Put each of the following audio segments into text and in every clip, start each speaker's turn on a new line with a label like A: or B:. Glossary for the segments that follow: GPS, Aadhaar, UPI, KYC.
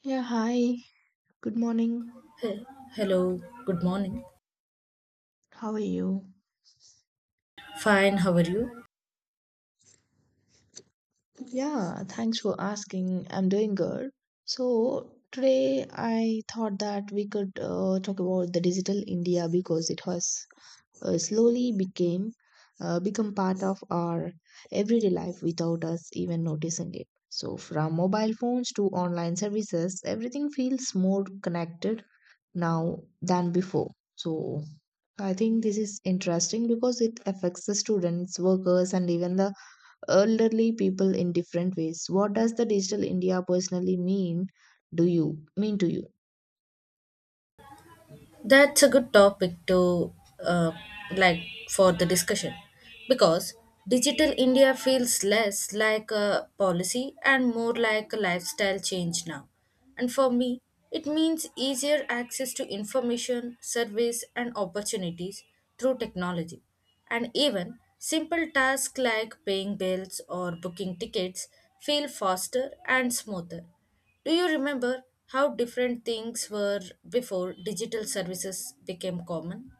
A: Yeah, hi. Good morning.
B: Hey, hello, good morning.
A: How are you?
B: Fine, how are you?
A: Yeah, thanks for asking. I'm doing good. So, today I thought that we could talk about the digital India because it has slowly became become part of our everyday life without us even noticing it. So, from mobile phones to online services, everything feels more connected now than before. So I think this is interesting because it affects the students, workers, and even the elderly people in different ways. What does the digital India personally mean? Do you mean to you?
B: That's a good topic to uh, like for the discussion, because digital India feels less like a policy and more like a lifestyle change now. And for me, it means easier access to information, service, and opportunities through technology. And even simple tasks like paying bills or booking tickets feel faster and smoother. Do you remember how different things were before digital services became common?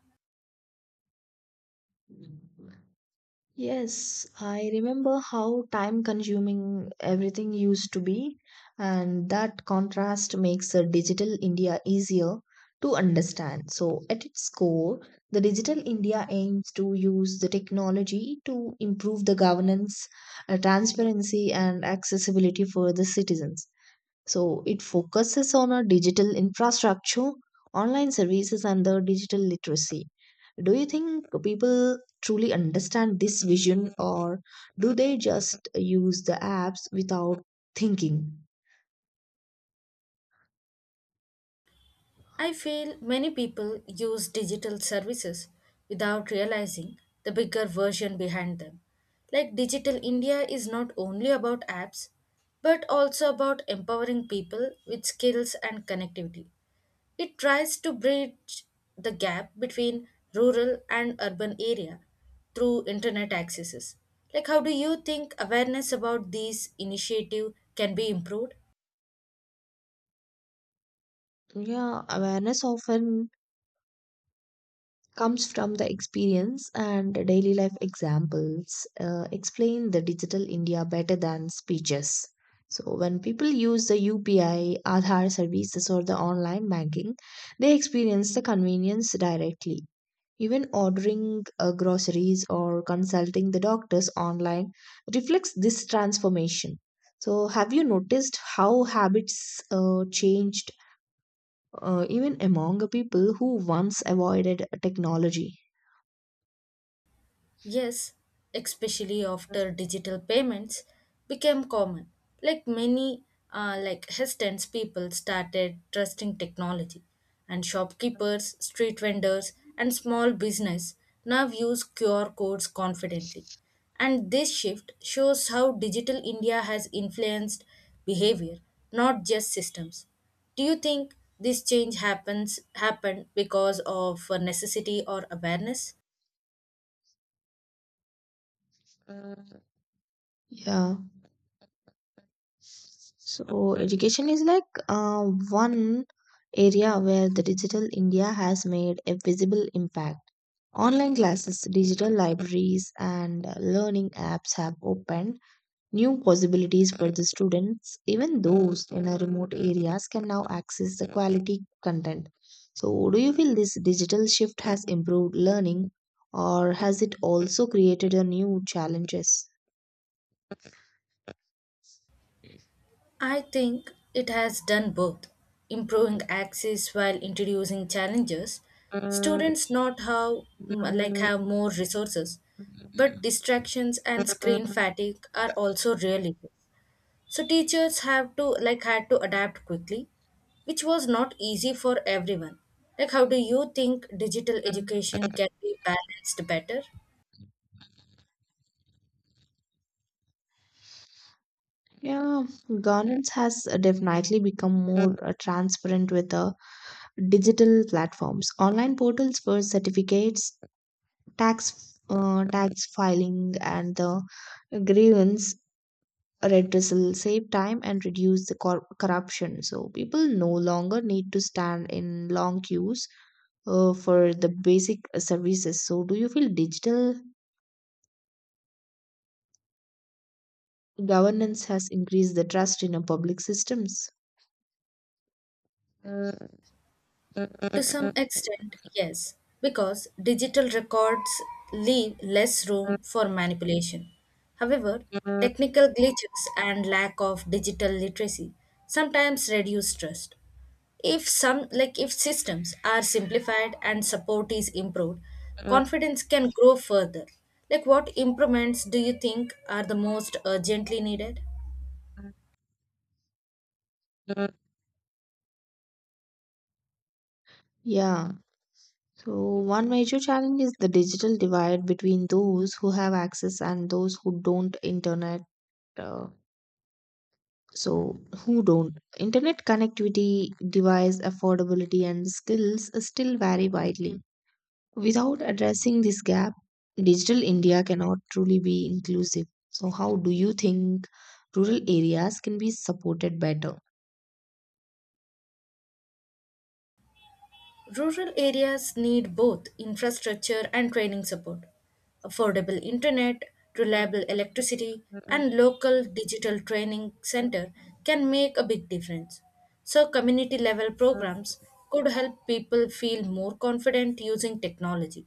A: Yes, I remember how time consuming everything used to be, and that contrast makes a digital India easier to understand. So, at its core, the digital India aims to use the technology to improve the governance, transparency, and accessibility for the citizens. So it focuses on our digital infrastructure, online services, and the digital literacy. Do you think people truly understand this vision, or do they just use the apps without thinking?
B: I feel many people use digital services without realizing the bigger version behind them. Like, Digital India is not only about apps, but also about empowering people with skills and connectivity. It tries to bridge the gap between rural and urban area through internet accesses. Like, how do you think awareness about these initiative can be improved?
A: Yeah, awareness often comes from the experience and daily life examples explain the digital India better than speeches. So, when people use the UPI, Aadhaar services, or the online banking, they experience the convenience directly. Even ordering groceries or consulting the doctors online reflects this transformation. So, have you noticed how habits changed even among the people who once avoided technology?
B: Yes, especially after digital payments became common. Like many like hesitant people started trusting technology, and shopkeepers, street vendors and small business now use QR codes confidently. And this shift shows how digital India has influenced behavior, not just systems. Do you think this change happens happened because of necessity or awareness?
A: Yeah. So education is like one area where the digital India has made a visible impact. Online classes, digital libraries, and learning apps have opened new possibilities for the students. Even those in remote areas can now access the quality content. So, do you feel this digital shift has improved learning, or has it also created a new challenges?
B: I think it has done both, improving access while introducing challenges. Students not how like have more resources, but distractions and screen fatigue are also real issues. So teachers have to like had to adapt quickly, which was not easy for everyone. Like, how do you think digital education can be balanced better?
A: Yeah, governance has definitely become more transparent with the digital platforms. Online portals for certificates, tax filing, and the grievance redressal save time and reduce the corruption. So people no longer need to stand in long queues for the basic services. So do you feel digital governance has increased the trust in our public systems?
B: To some extent, yes, because digital records leave less room for manipulation. However, technical glitches and lack of digital literacy sometimes reduce trust. If some like if systems are simplified and support is improved, confidence can grow further. Like, what improvements do you think are the most urgently needed?
A: Yeah. So, one major challenge is the digital divide between those who have access and those who don't internet. Uh, who don't? Internet connectivity, device affordability, and skills still vary widely. Without addressing this gap, digital India cannot truly be inclusive. So, how do you think rural areas can be supported better?
B: Rural areas need both infrastructure and training support. Affordable internet, reliable electricity, and local digital training center can make a big difference. So community level programs could help people feel more confident using technology.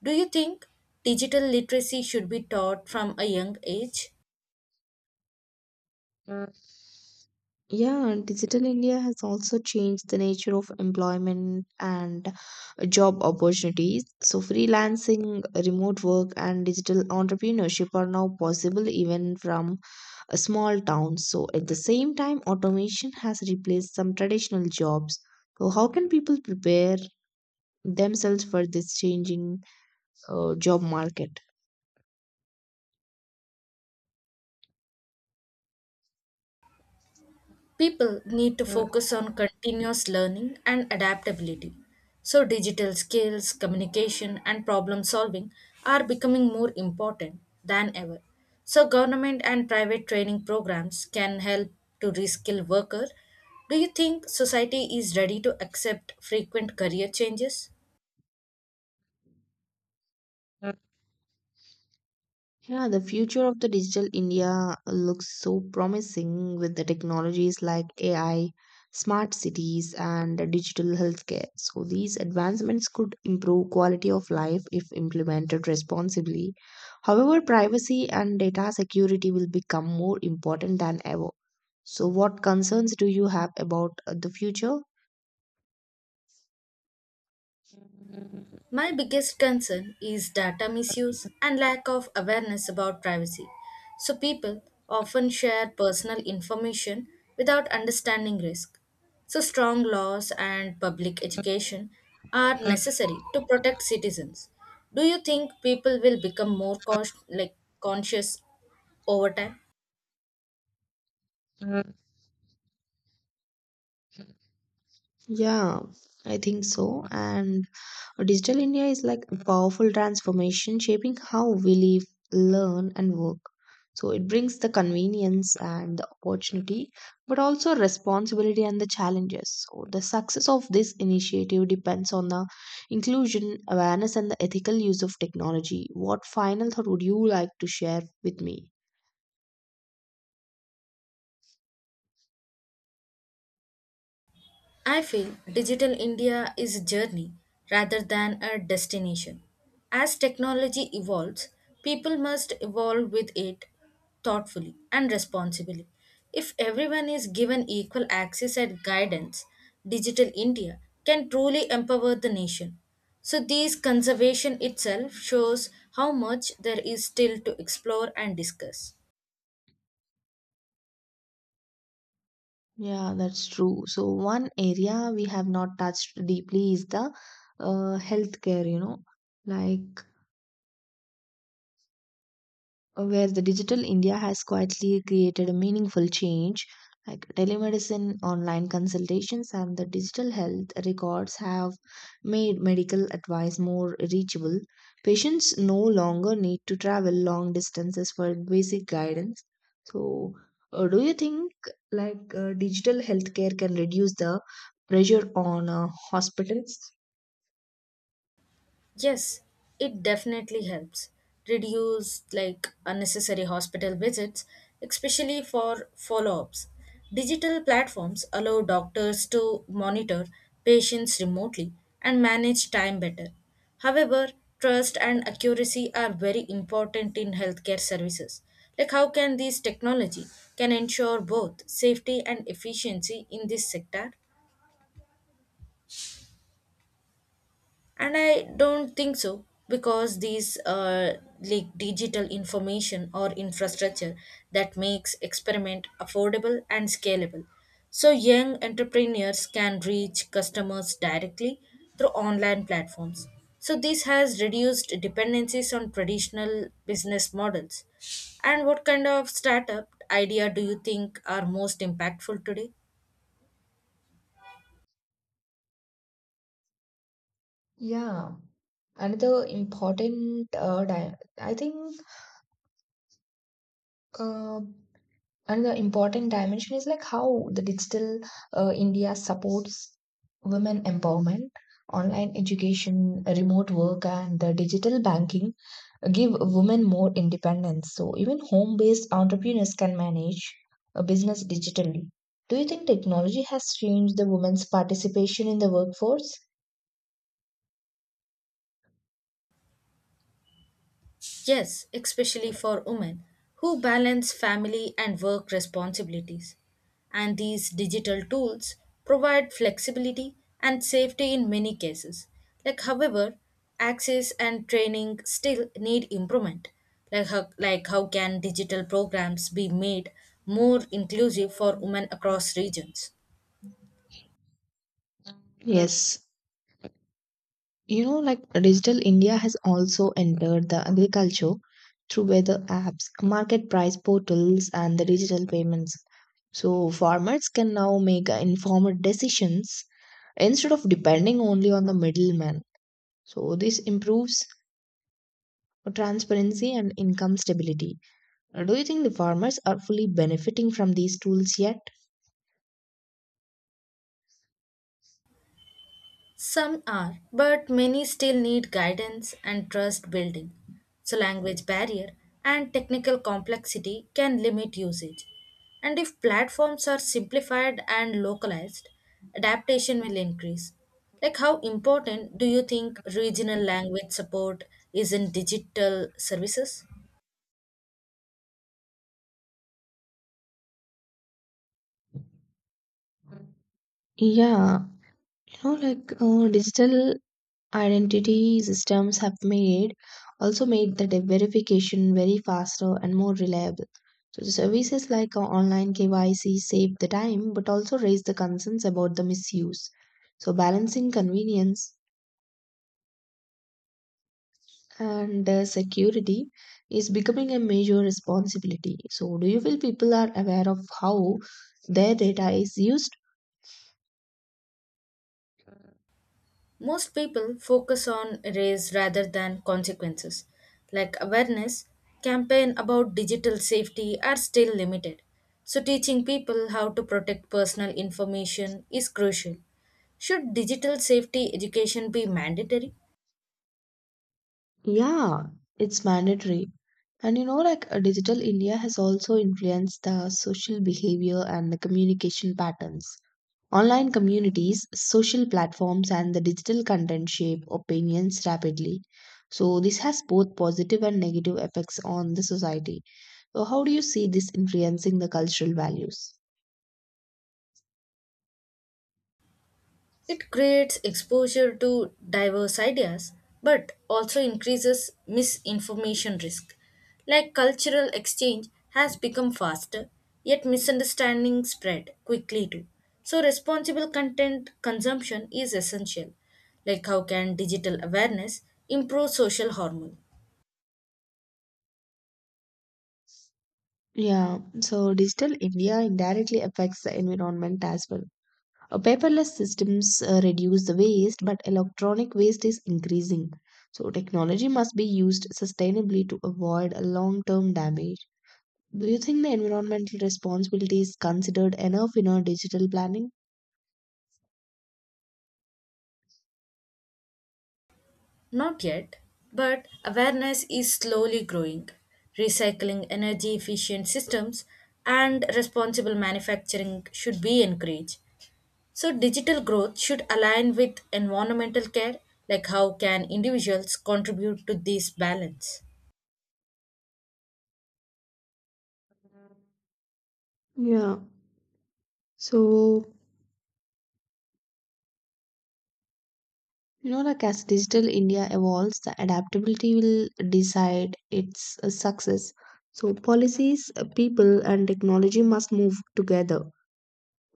B: Do you think digital literacy should be taught from a young age?
A: Uh, Yeah, Digital India has also changed the nature of employment and job opportunities. So, freelancing, remote work, and digital entrepreneurship are now possible even from a small town. So, at the same time, automation has replaced some traditional jobs. So, how can people prepare themselves for this changing job market?
B: People need to focus on continuous learning and adaptability. So, digital skills, communication, and problem solving are becoming more important than ever. So, government and private training programs can help to reskill workers. Do you think society is ready to accept frequent career changes?
A: Yeah, the future of the digital India looks so promising with the technologies like AI, smart cities, and digital healthcare. So, these advancements could improve quality of life if implemented responsibly. However, privacy and data security will become more important than ever. So, what concerns do you have about the future?
B: My biggest concern is data misuse and lack of awareness about privacy. So, people often share personal information without understanding risk. So, strong laws and public education are necessary to protect citizens. Do you think people will become more conscious over time?
A: Yeah, I think so. And Digital India is like a powerful transformation shaping how we live, learn, and work. So it brings the convenience and the opportunity, but also responsibility and the challenges. So the success of this initiative depends on the inclusion, awareness, and the ethical use of technology. What final thought would you like to share with me?
B: I feel digital India is a journey rather than a destination. As technology evolves, people must evolve with it thoughtfully and responsibly. If everyone is given equal access and guidance, digital India can truly empower the nation. So, this conservation itself shows how much there is still to explore and discuss.
A: Yeah, that's true. So one area we have not touched deeply is the healthcare, you know, like where the digital India has quietly created a meaningful change. Like telemedicine, online consultations, and the digital health records have made medical advice more reachable. Patients no longer need to travel long distances for basic guidance. So, do you think digital healthcare can reduce the pressure on hospitals?
B: Yes, it definitely helps. Reduce like unnecessary hospital visits, especially for follow-ups. Digital platforms allow doctors to monitor patients remotely and manage time better. However, trust and accuracy are very important in healthcare services. Like, how can this technology can ensure both safety and efficiency in this sector? And I don't think so, because these like digital information or infrastructure that makes experiment affordable and scalable, so young entrepreneurs can reach customers directly through online platforms. So this has reduced dependencies on traditional business models. And what kind of startup idea do you think are most impactful today?
A: Yeah, another important di- I think. Uh, Another important dimension is like how the digital India supports women empowerment. Online education, remote work, and the digital banking give women more independence. So even home-based entrepreneurs can manage a business digitally. Do you think technology has changed the women's participation in the workforce?
B: Yes, especially for women who balance family and work responsibilities. And these digital tools provide flexibility and safety in many cases. Like, however, access and training still need improvement. Like how can digital programs be made more inclusive for women across regions?
A: Yes, you know, like digital India has also entered the agriculture through weather apps, market price portals, and the digital payments. So farmers can now make informed decisions instead of depending only on the middleman. So this improves transparency and income stability. Do you think the farmers are fully benefiting from these tools yet?
B: Some are, but many still need guidance and trust building. So, language barrier and technical complexity can limit usage. And if platforms are simplified and localized, adaptation will increase. Like, how important do you think regional language support is in digital services?
A: Yeah, you know, digital identity systems have made also made the verification very faster and more reliable. So the services like online KYC save the time but also raise the concerns about the misuse. So balancing convenience and security is becoming a major responsibility. So do you feel people are aware of how their data is used?
B: Most people focus on race rather than consequences. Like, awareness campaign about digital safety are still limited. So teaching people how to protect personal information is crucial. Should digital safety education be mandatory?
A: Yeah, it's mandatory. And you know, digital India has also influenced the social behavior and the communication patterns. Online communities, social platforms, and the digital content shape opinions rapidly. So, this has both positive and negative effects on the society. So, how do you see this influencing the cultural values?
B: It creates exposure to diverse ideas but also increases misinformation risk. Like, cultural exchange has become faster, yet misunderstandings spread quickly too. So, responsible content consumption is essential. Like, how can digital awareness improve social harmony?
A: Yeah, so digital India indirectly affects the environment as well. Paperless systems reduce the waste, but electronic waste is increasing. So, technology must be used sustainably to avoid a long term damage. Do you think the environmental responsibility is considered enough in our digital planning?
B: Not yet, but awareness is slowly growing. Recycling, energy efficient systems, and responsible manufacturing should be encouraged. So, digital growth should align with environmental care. Like, how can individuals contribute to this balance?
A: Yeah. So, you know, like as digital India evolves, the adaptability will decide its success. So, policies, people, and technology must move together.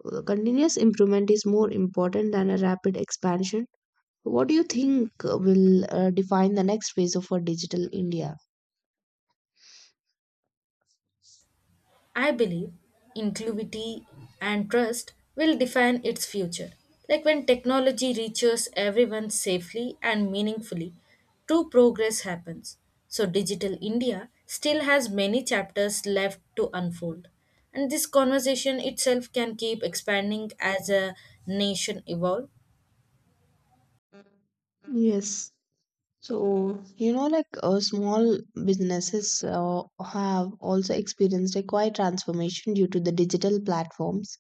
A: Continuous improvement is more important than a rapid expansion. What do you think will define the next phase of a digital India?
B: I believe inclusivity and trust will define its future. Like, when technology reaches everyone safely and meaningfully, true progress happens. So, Digital India still has many chapters left to unfold. And this conversation itself can keep expanding as a nation evolve.
A: Yes. So, you know, small businesses have also experienced a quiet transformation due to the digital platforms.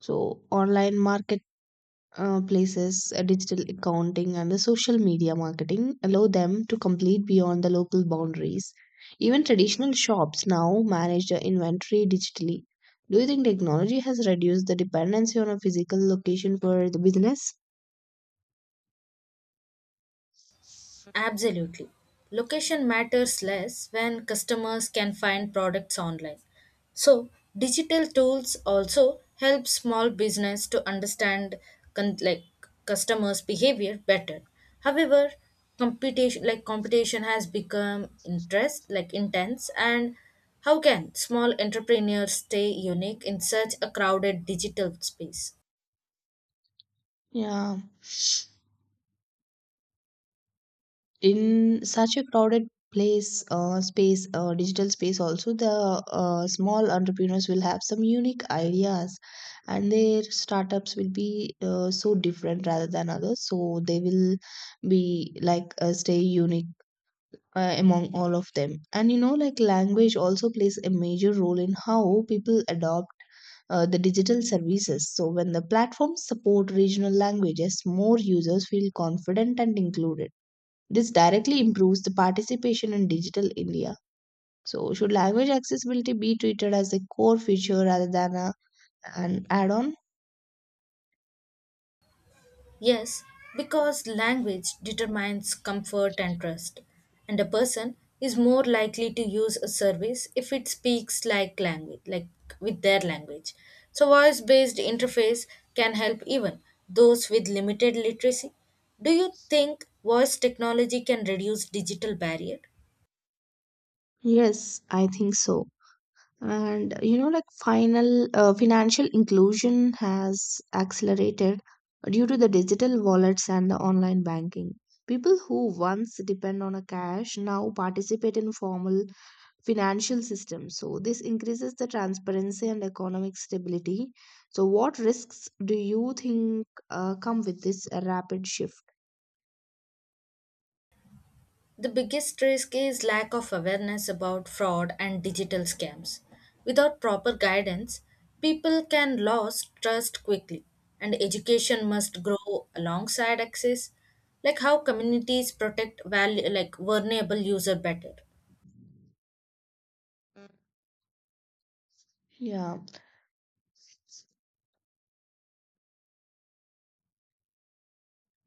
A: So, online market places, digital accounting, and the social media marketing allow them to compete beyond the local boundaries. Even traditional shops now manage their inventory digitally. Do you think technology has reduced the dependency on a physical location for the business?
B: Absolutely. Location matters less when customers can find products online. So, digital tools also help small business to understand con- like customers behavior better. However, competition has become interest like intense. And how can small entrepreneurs stay unique in such a crowded digital space?
A: Yeah. In such a crowded place space digital space also the small entrepreneurs will have some unique ideas, and their startups will be so different rather than others, so they will be stay unique among all of them. And you know like language also plays a major role in how people adopt the digital services. So, when the platforms support regional languages, more users feel confident and included. This directly improves the participation in digital India. So, should language accessibility be treated as a core feature rather than an add on?
B: Yes, because language determines comfort and trust, and a person is more likely to use a service if it speaks like language, like with their language. So, voice based interface can help even those with limited literacy. Do you think voice technology can reduce digital barrier?
A: Yes, I think so. And you know, like final financial inclusion has accelerated due to the digital wallets and the online banking. People who once depend on a cash now participate in formal financial system, so this increases the transparency and economic stability. So what risks do you think come with this rapid shift?
B: The biggest risk is lack of awareness about fraud and digital scams. Without proper guidance, people can lose trust quickly, and education must grow alongside access. Like, how communities protect value, like vulnerable user better?
A: Yeah,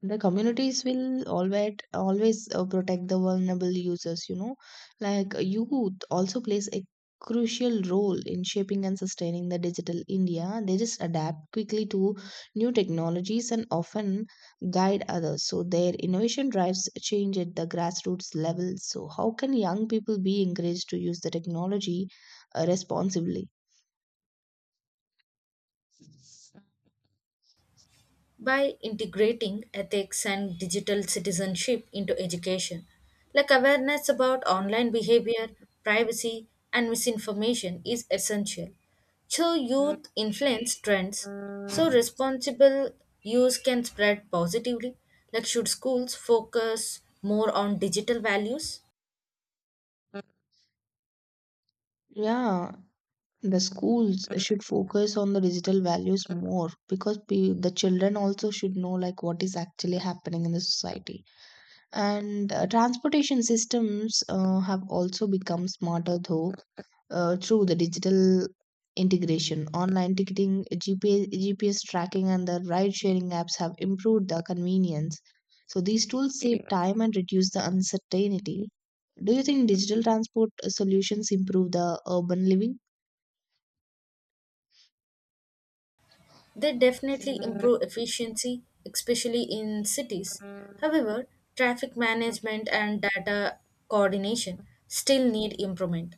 A: the communities will always protect the vulnerable users. You know, youth also plays a crucial role in shaping and sustaining the digital india. They just adapt quickly to new technologies and often guide others, so their innovation drives change at the grassroots level. So how can young people be encouraged to use the technology responsibly?
B: By integrating ethics and digital citizenship into education. Like, awareness about online behavior, privacy, and misinformation is essential. So, youth influence trends, so responsible use can spread positively. Like, should schools focus more on digital values?
A: Yeah. The schools should focus on the digital values more because the children also should know like what is actually happening in the society. And transportation systems have also become smarter though through the digital integration. Online ticketing, GPS, GPS tracking, and the ride sharing apps have improved the convenience. So these tools save time and reduce the uncertainty. Do you think digital transport solutions improve the urban living?
B: They definitely improve efficiency, especially in cities. However, traffic management and data coordination still need improvement.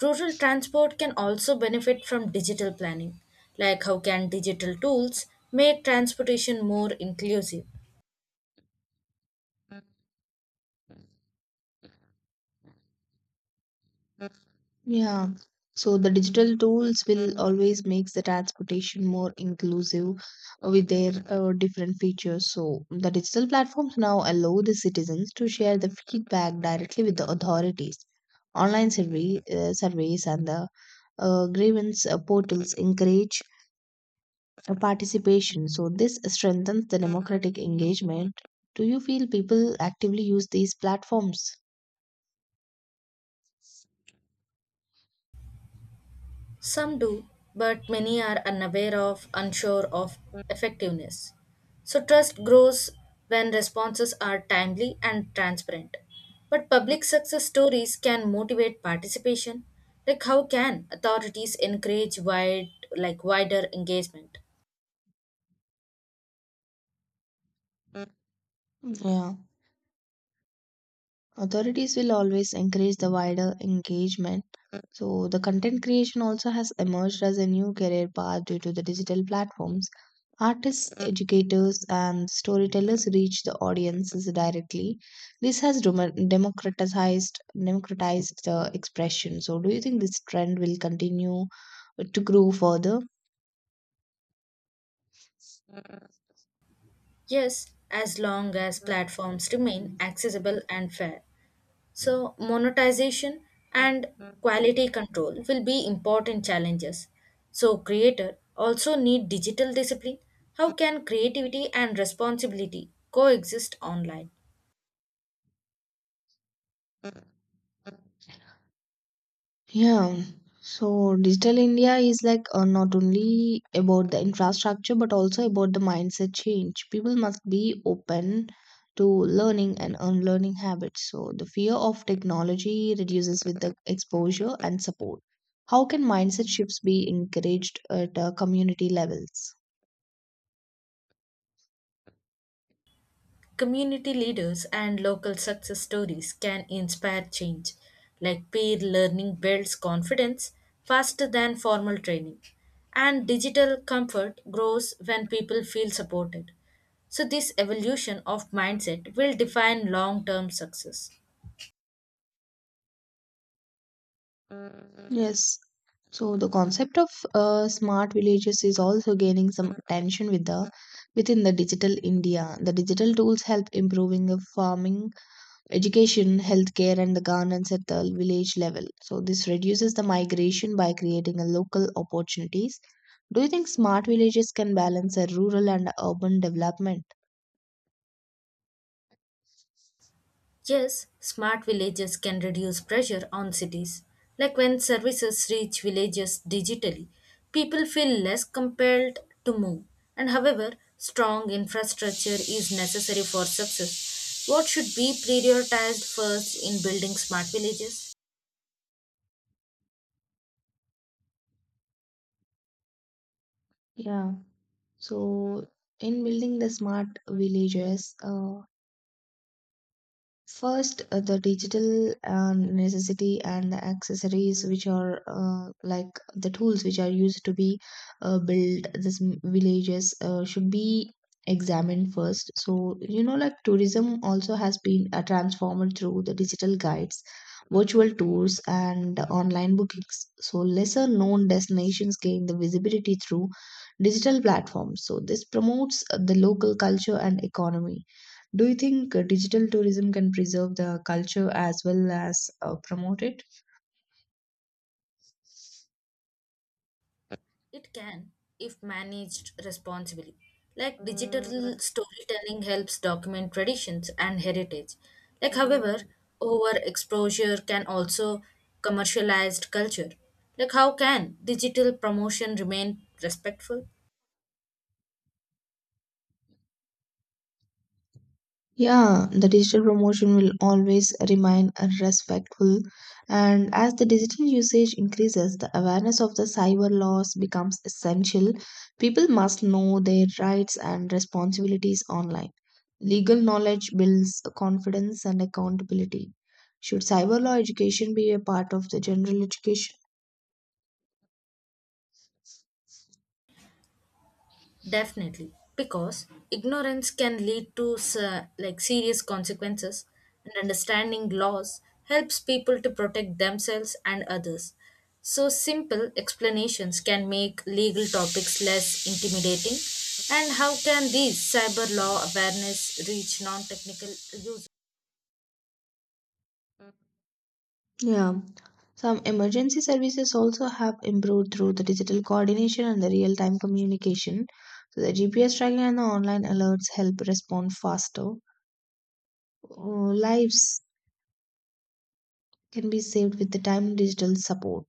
B: Rural transport can also benefit from digital planning. Like, how can digital tools make transportation more inclusive?
A: Yeah. So the digital tools will always make the transportation more inclusive with their different features. So the digital platforms now allow the citizens to share the feedback directly with the authorities. Online surveys and the grievance portals encourage participation. So this strengthens the democratic engagement. Do you feel people actively use these platforms?
B: Some do, but many are unaware of, unsure of effectiveness. So trust grows when responses are timely and transparent. But public success stories can motivate participation. Like, how can authorities encourage wider engagement?
A: Yeah. Authorities will always encourage the wider engagement. So, the content creation also has emerged as a new career path due to the digital platforms. Artists, educators, and storytellers reach the audiences directly. This has democratized the expression. So, do you think this trend will continue to grow further?
B: Yes, as long as platforms remain accessible and fair. So, monetization and quality control will be important challenges. So, creators also need digital discipline. How can creativity and responsibility coexist online?
A: Yeah. So digital India is like not only about the infrastructure but also about the mindset change. People must be open to learning and unlearning habits. So the fear of technology reduces with the exposure and support. How can mindset shifts be encouraged at community levels?
B: Community leaders and local success stories can inspire change. Like, peer learning builds confidence faster than formal training, and digital comfort grows when people feel supported. So, this evolution of mindset will define long term success.
A: Yes. So the concept of smart villages is also gaining some attention within the digital India. The digital tools help improving of farming, education, healthcare, and the governance at the village level. So this reduces the migration by creating a local opportunities. Do you think smart villages can balance a rural and urban development?
B: Yes, smart villages can reduce pressure on cities. Like, when services reach villages digitally, people feel less compelled to move. And however, strong infrastructure is necessary for success. What should be prioritized first in building smart villages?
A: Yeah. So in building the smart villages, first, the digital necessity and the accessories, which are like the tools which are used to be build this villages, should be examined first. So, you know, like tourism also has been transformed through the digital guides, virtual tours, and online bookings. So, lesser known destinations gain the visibility through digital platforms. So, this promotes the local culture and economy. Do you think digital tourism can preserve the culture as well as promote it?
B: It can, if managed responsibly. Like, digital storytelling helps document traditions and heritage. Like, however, overexposure can also commercialized culture. Like, how can digital promotion remain respectful?
A: Yeah, the digital promotion will always remain respectful, and as the digital usage increases, the awareness of the cyber laws becomes essential. People must know their rights and responsibilities online. Legal knowledge builds confidence and accountability. Should cyber law education be a part of the general education?
B: Definitely, because ignorance can lead to serious consequences, and understanding laws helps people to protect themselves and others. So simple explanations can make legal topics less intimidating. And how can these cyber law awareness reach non-technical users?
A: Yeah. Some emergency services also have improved through the digital coordination and the real time communication. So the GPS tracking and the online alerts help respond faster. Uh, lives can be saved with the timely digital support.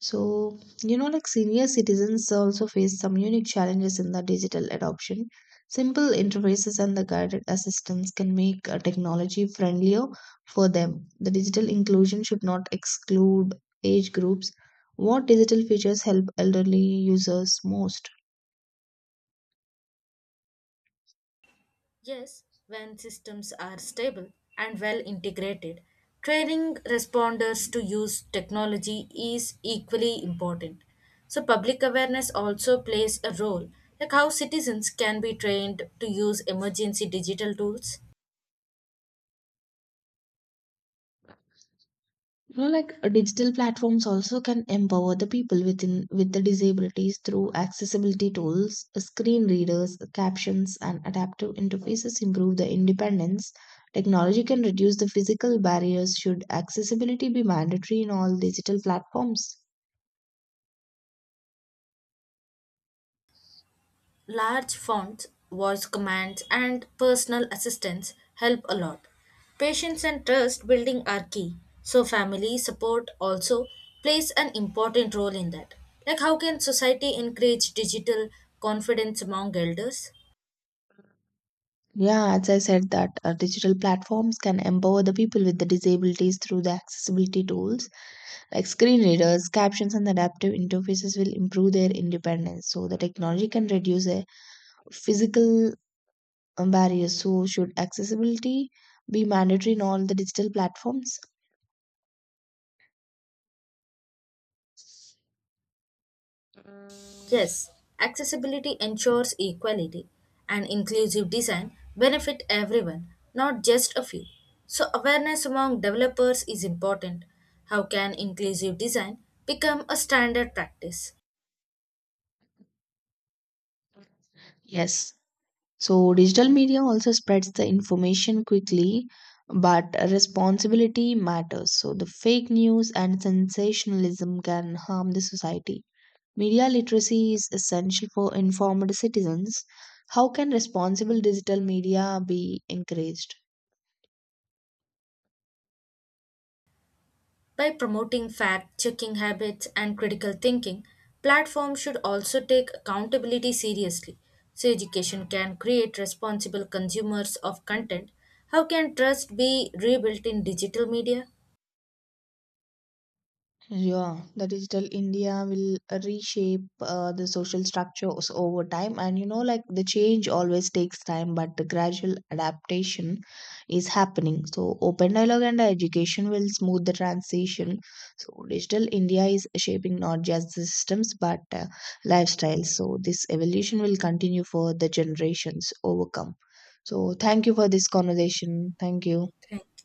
A: So, you know, like senior citizens also face some unique challenges in the digital adoption. Simple interfaces and the guided assistance can make technology friendlier for them. The digital inclusion should not exclude age groups. What digital features help elderly users most?
B: Yes, when systems are stable and well integrated, training responders to use technology is equally important. So, public awareness also plays a role. Like, how citizens can be trained to use emergency digital tools?
A: You know digital platforms also can empower the people with the disabilities through accessibility tools. Screen readers, captions and adaptive interfaces improve the independence. Technology can reduce the physical barriers. Should accessibility be mandatory in all digital platforms?
B: Large fonts, voice commands, and personal assistance help a lot. Patience and trust building are key, so family support also plays an important role in that. Like, how can society encourage digital confidence among elders?
A: Yeah, as I said that digital platforms can empower the people with the disabilities through the accessibility tools like screen readers, captions and adaptive interfaces will improve their independence. So the technology can reduce a physical barriers. So, should accessibility be mandatory in all the digital platforms?
B: Yes, accessibility ensures equality, and inclusive design benefit everyone, not just a few. So awareness among developers is important. How can inclusive design become a standard practice?
A: Yes. So, digital media also spreads the information quickly, but responsibility matters. So, the fake news and sensationalism can harm the society. Media literacy is essential for informed citizens. How can responsible digital media be encouraged?
B: By promoting fact-checking habits and critical thinking, platforms should also take accountability seriously. So education can create responsible consumers of content. How can trust be rebuilt in digital media?
A: Yeah, the digital India will reshape the social structures over time. And you know, like the change always takes time, but the gradual adaptation is happening. So, open dialogue and education will smooth the transition. So, digital India is shaping not just the systems but lifestyles. So, this evolution will continue for the generations overcome. So, thank you for this conversation. Thank you.
B: Thank